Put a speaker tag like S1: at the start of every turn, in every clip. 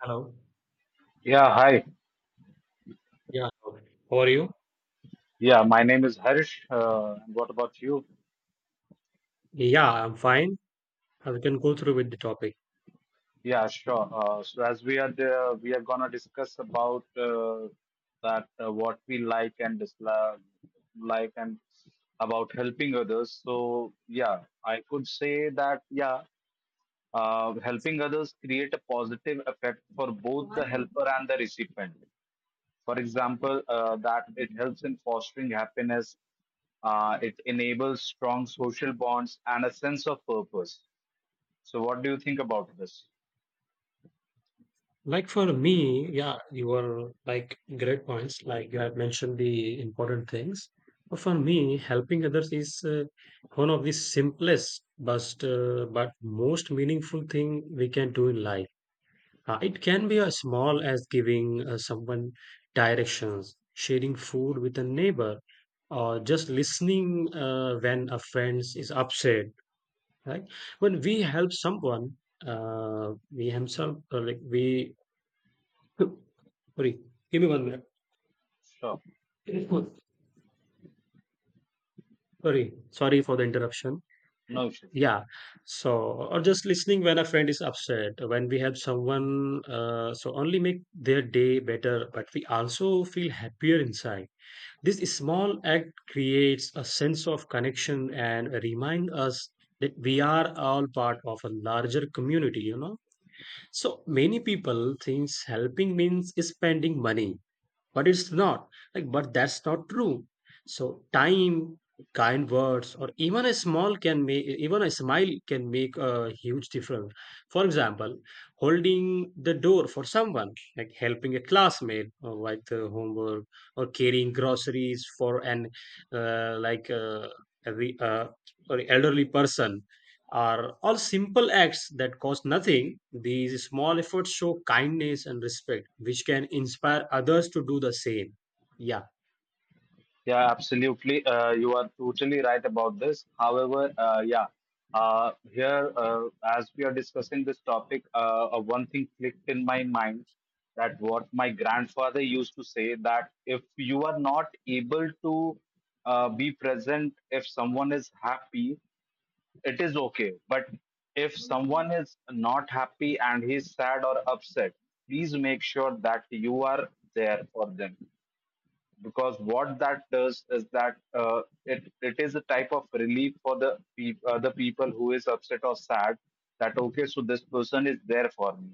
S1: Hello.
S2: Yeah, hi.
S1: Yeah. Hello. How are you?
S2: Yeah, my name is Harish. And what about you?
S1: Yeah, I'm fine. We can go through with the topic.
S2: Yeah, sure. So as we are there, we are gonna discuss about that what we like and dislike, like and about helping others. So yeah, I could say that yeah, helping others create a positive effect for both the helper and the recipient. For example, that it helps in fostering happiness, it enables strong social bonds and a sense of purpose. So, what do you think about this?
S1: Like, for me, yeah, you were like great points. Like, you had mentioned the important things. But for me, helping others is one of the simplest, but most meaningful thing we can do in life. It can be as small as giving someone directions, sharing food with a neighbor, or just listening when a friend is upset. Right? When we help someone, we himself like we. Sorry, give me one
S2: Sure,
S1: minute. Sorry for the interruption.
S2: no issues.
S1: Yeah. So, or just listening when a friend is upset, when we help someone, so only make their day better, but we also feel happier inside. This small act creates a sense of connection and remind us that we are all part of a larger community. So many people thinks helping means spending money, but it's not. Like, but that's not true. So, time, kind words, or even a small can make, even a smile can make a huge difference. For example, holding the door for someone, like helping a classmate or like the homework, or carrying groceries for an like every sorry elderly person are all simple acts that cost nothing. These small efforts show kindness and respect, which can inspire others to do the same. Yeah,
S2: Yeah, absolutely. You are totally right about this. However, yeah, here as we are discussing this topic, one thing clicked in my mind that what my grandfather used to say that if you are not able to be present, if someone is happy, it is okay. But if someone is not happy and he's sad or upset, please make sure that you are there for them, because what that does is that it is a type of relief for the peop the people who is upset or sad, that okay, so this person is there for me,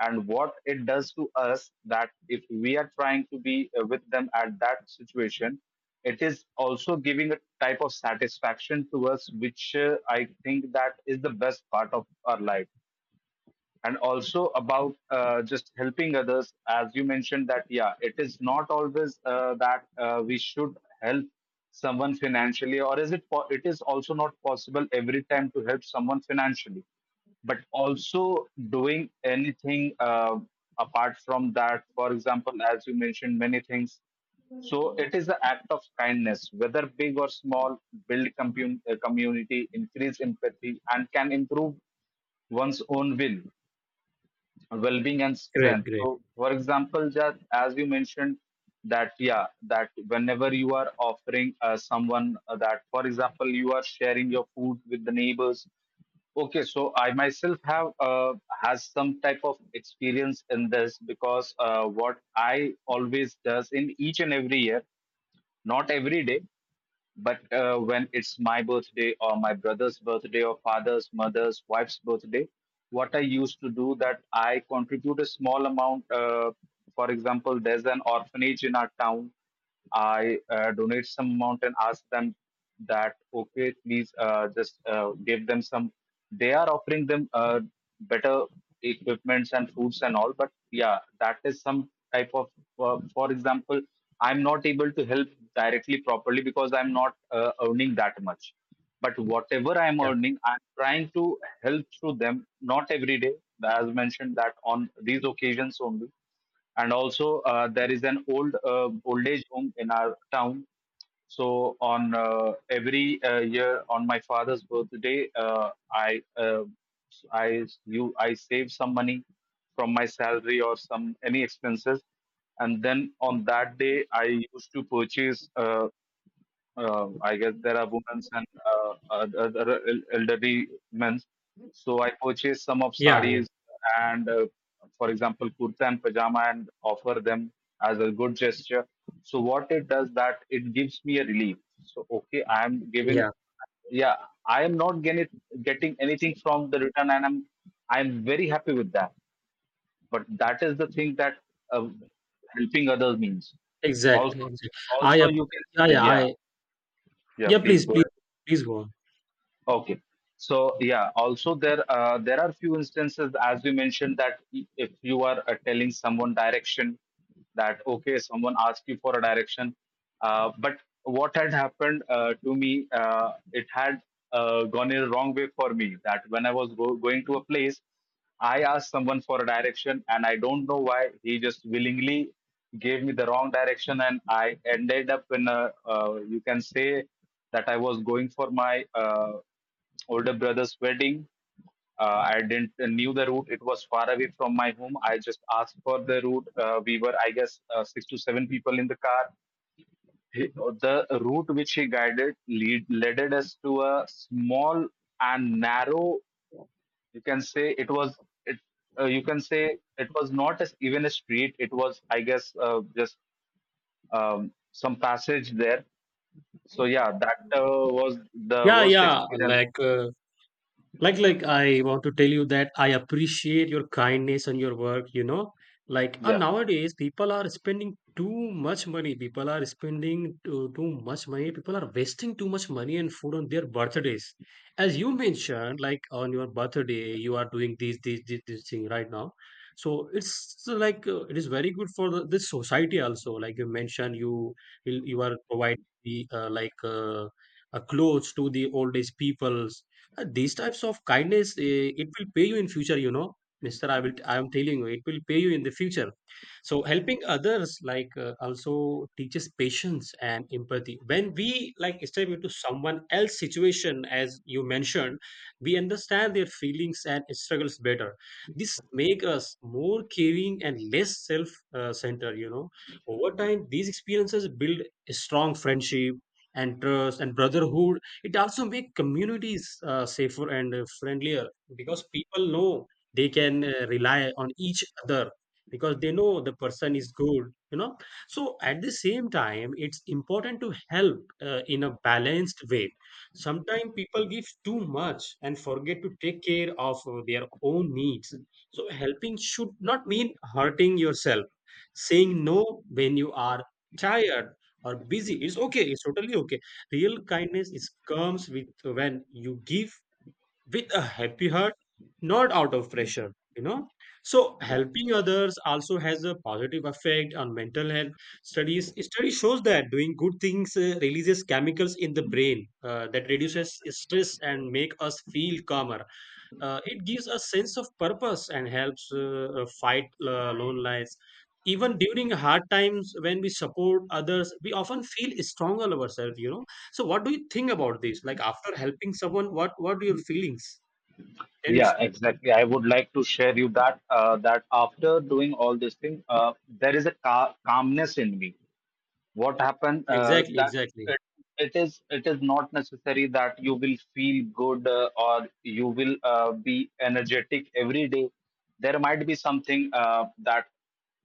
S2: and what it does to us that if we are trying to be with them at that situation, it is also giving a type of satisfaction to us, which I think that is the best part of our life. And also about just helping others, as you mentioned, that yeah, it is not always that we should help someone financially, or is it is also not possible every time to help someone financially, but also doing anything, apart from that, for example, as you mentioned many things. So it is the act of kindness, whether big or small, build community, increase empathy, and can improve one's own will well-being and
S1: great,
S2: strength. So
S1: great.
S2: for example, just as you mentioned that yeah, that whenever you are offering someone, that for example you are sharing your food with the neighbors. Okay, so I myself have has some type of experience in this, because what I always does in each and every year, not every day, but when it's my birthday or my brother's birthday or father's, mother's, wife's birthday, what I used to do that I contribute a small amount. For example, there's an orphanage in our town. I donate some amount and ask them that okay, please just give them some. They are offering them better equipments and foods and all, but yeah, that is some type of. For example, I'm not able to help directly properly because I'm not earning that much. But whatever I'm
S1: Yeah,
S2: earning, I'm trying to help through them. Not every day, as mentioned, that on these occasions only. And also there is an old age home in our town, so on every year on my father's birthday, I save some money from my salary or some any expenses, and then on that day I used to purchase, I guess there are women and other elderly men. So I purchase some of
S1: yeah, yeah,
S2: sarees and, for example, kurta and pajama, and offer them as a good gesture. So what it does, that it gives me a relief. So okay, I am giving.
S1: yeah.
S2: Yeah, I am not getting anything from the return, and I'm very happy with that. But that is the thing that uh, helping others means.
S1: Exactly,
S2: Also,
S1: exactly. I,
S2: also
S1: ap-
S2: you
S1: yeah,
S2: can
S1: yeah,
S2: yeah, yeah,
S1: yeah.
S2: please
S1: Please,
S2: go.
S1: please, please go on.
S2: Okay, so yeah, also there are few instances, as you mentioned, that if you are telling someone direction, that okay, someone asked you for a direction, but what had happened to me, it had gone in a wrong way for me, that when I was going to a place, I asked someone for a direction, and I don't know why he just willingly gave me the wrong direction, and I ended up in a, you can say that I was going for my older brother's wedding. I didn't knew the route. It was far away from my home. I just asked for the route. We were, I guess, 6 to 7 people in the car. He- The route which he guided led us to a small and narrow. You can say it was. It, you can say it was not as even a street. It was, I guess, just um, some passage there. So yeah, that was the
S1: Yeah,
S2: worst
S1: yeah.
S2: experience.
S1: Like. Like, I want to tell you that I appreciate your kindness and your work. Like, and
S2: Yeah.
S1: nowadays people are spending too much money. People are spending too much money. People are wasting too much money and food on their birthdays, as you mentioned, like on your birthday you are doing this thing right now. So it's like, it is very good for this society also, like you mentioned. You are providing the clothes to the old age people. These types of kindness, it will pay you in future. You know, Mister, I will. I am telling you, it will pay you in the future. So helping others, like, also teaches patience and empathy. When we, like, step into someone else's situation, as you mentioned, we understand their feelings and struggles better. This make us more caring and less self centered. Over time, these experiences build a strong friendship and trust and brotherhood. It also make communities safer and friendlier, because people know they can rely on each other, because they know the person is good you know so at the same time, it's important to help in a balanced way. Sometimes people give too much and forget to take care of their own needs. So helping should not mean hurting yourself. Saying no when you are tired or busy is okay, it's totally okay. Real kindness is comes with when you give with a happy heart, not out of pressure. So helping others also has a positive effect on mental health. Studies study shows that doing good things releases chemicals in the brain that reduces stress and make us feel calmer. It gives a sense of purpose and helps fight loneliness, even during hard times. When we support others, we often feel stronger ourselves. So what do you think about this, like, after helping someone? What are your feelings? Can you
S2: Yeah,
S1: explain?
S2: exactly. I would like to share you that after doing all this thing, there is a ca calmness in me. What happened
S1: Exactly,
S2: that
S1: exactly.
S2: it, it is not necessary that you will feel good or you will be energetic every day. There might be something that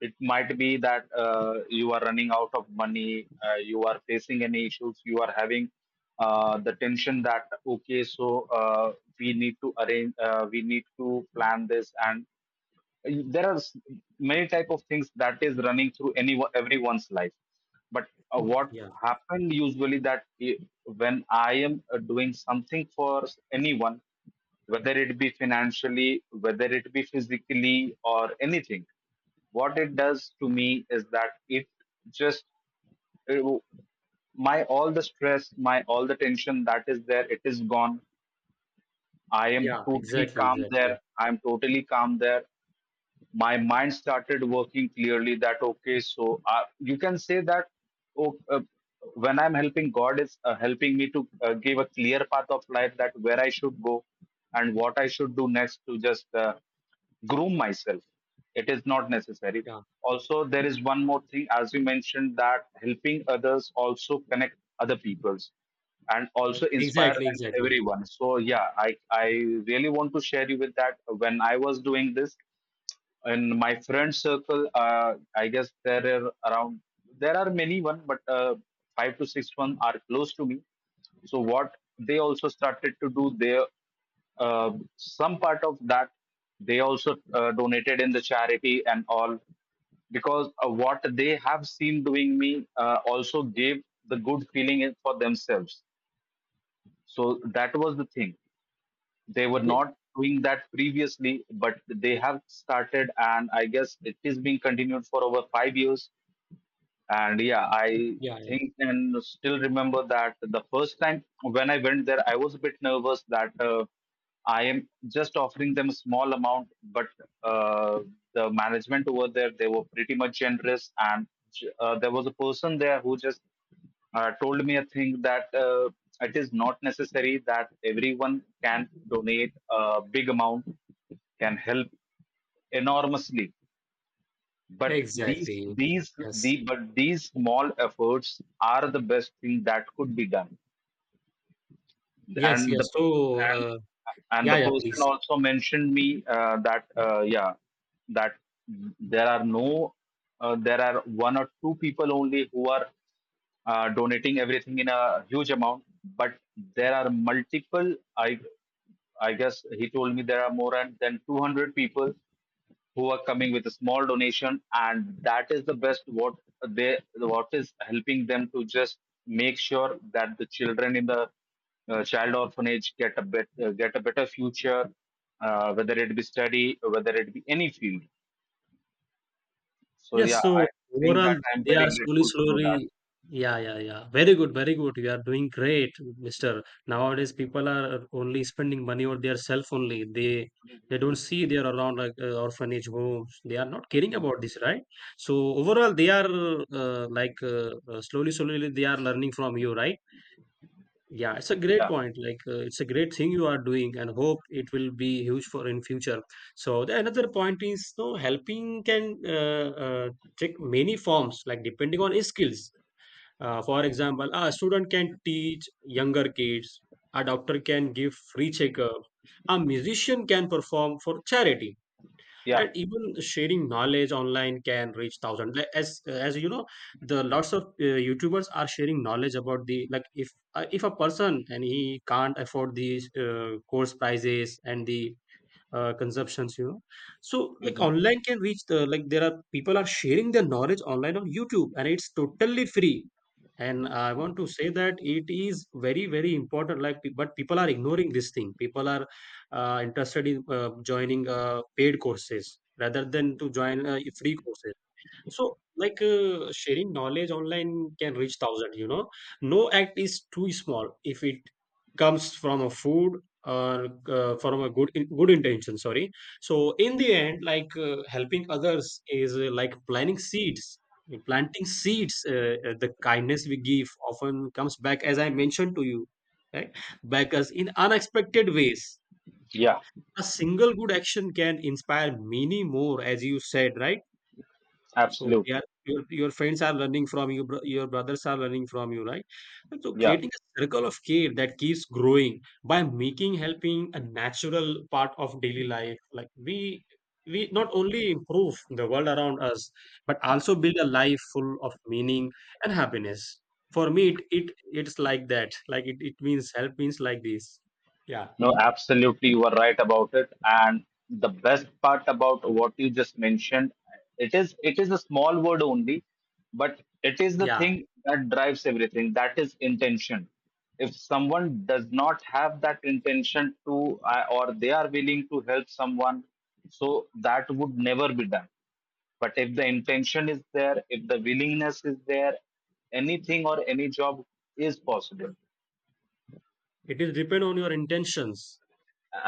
S2: it might be that you are running out of money, you are facing any issues, you are having the tension that okay, so we need to arrange, we need to plan this, and there are many type of things that is running through anyone everyone's life. But what
S1: Yeah,
S2: happened usually that when I am doing something for anyone, whether it be financially, whether it be physically or anything, what it does to me is that it just it w- my all the stress, my all the tension that is there, it is gone. I am
S1: yeah.
S2: totally
S1: Exactly,
S2: calm there.
S1: exactly.
S2: I am totally calm there. My mind started working clearly, that okay, so you can say that oh, when I'm helping, god is helping me to give a clear path of life, that where I should go and what I should do next to just groom myself. It is not necessary.
S1: Yeah.
S2: Also, there is one more thing, as you mentioned, that helping others also connect other peoples, and also inspire
S1: Exactly,
S2: and
S1: exactly.
S2: everyone. So yeah, I really want to share you with that when I was doing this in my friend circle, I guess there are around, there are many one, but five to six one are close to me. So what they also started to do, they uh, some part of that, they also donated in the charity and all, because what they have seen doing me also gave the good feeling for themselves. So that was the thing. They were
S1: Th-
S2: not doing that previously, but they have started, and I guess it is being continued for over 5 years. And yeah, I
S1: yeah, yeah.
S2: think and still remember that the first time when I went there, I was a bit nervous that I am just offering them a small amount, but uh, the management over there, they were pretty much generous. And there was a person there who just told me a thing, that it is not necessary that everyone can donate a big amount, can help enormously, but these
S1: Exactly.
S2: these
S1: Yes,
S2: the but these small efforts are the best thing that could be done.
S1: yes,
S2: And the
S1: yes. So,
S2: and
S1: uh,
S2: and
S1: yeah,
S2: the
S1: yeah,
S2: person
S1: please.
S2: also mentioned me that, yeah, that there are no, there are one or two people only who are donating everything in a huge amount, but there are multiple. I guess he told me there are more than 200 people who are coming with a small donation, and that is the best what they, what is helping them to just make sure that the children in the child orphanage get a bit, get a better future, whether it be study, whether it be any field. So
S1: Yes,
S2: yeah, I
S1: so
S2: think that
S1: overall,
S2: I'm
S1: they
S2: very
S1: are slowly,
S2: grateful to do that.
S1: slowly. Yeah, yeah, yeah. Very good, very good. You are doing great, Mister. Nowadays, people are only spending money on their self only. They don't see they are around, like, orphanage homes. They are not caring
S2: Mhm.
S1: about this, right? So overall, they are slowly, slowly they are learning from you, right? Yeah, it's a great
S2: Yeah,
S1: point. Like, it's a great thing you are doing, and hope it will be huge for in future. So the another point is, no helping can take many forms, like depending on his skills. For example, a student can teach younger kids. A doctor can give free checkup. A musician can perform for charity,
S2: yeah.
S1: and even sharing knowledge online can reach thousands, like, as you know the lots of youtubers are sharing knowledge about the, like, if a person and he can't afford these course prices and the consumptions. So, like,
S2: Mhm.
S1: online can reach the, like, there are people are sharing their knowledge online on youtube, and it's totally free. And I want to say that it is very very important. Like, but people are ignoring this thing. People are interested in joining paid courses rather than to join free courses. So, like, sharing knowledge online can reach thousand. No act is too small if it comes from a food or from a good intention. Sorry. So, in the end, like, helping others is, like planting seeds. Planting seeds. The kindness we give often comes back, as I mentioned to you, right? Back us in unexpected ways.
S2: Yeah,
S1: A single good action can inspire many more, as you said, right? So they
S2: absolutely.
S1: are your friends are learning from you, your brothers are learning from you, right? And so
S2: Yeah.
S1: creating a circle of care that keeps growing by making helping a natural part of daily life. Like, we not only improve the world around us, but also build a life full of meaning and happiness. For me, it's like that. Like, it means, help means like this. Yeah.
S2: No, absolutely, you are right about it. And the best part about what you just mentioned, it is a small word only, but it is the
S1: Yeah.
S2: thing that drives everything. That is intention. If someone does not have that intention to, or they are willing to help someone, so that would never be done. But if the intention is there, if the willingness is there, anything or any job is possible.
S1: It is depend on your intentions,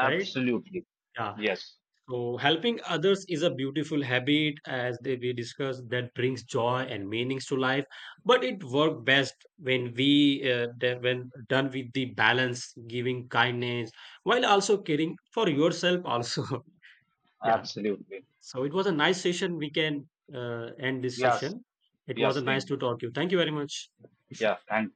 S1: right? Yeah.
S2: yes.
S1: So, helping others is a beautiful habit, as we discussed, that brings joy and meanings to life. But it works best when we, that when done with the balance, giving kindness while also caring for yourself. Also, yeah.
S2: Absolutely.
S1: So it was a nice session. We can end this
S2: Yes.
S1: session. It was
S2: Yes.
S1: a nice
S2: Same.
S1: to talk to you. Thank you very much.
S2: Yeah. Thanks.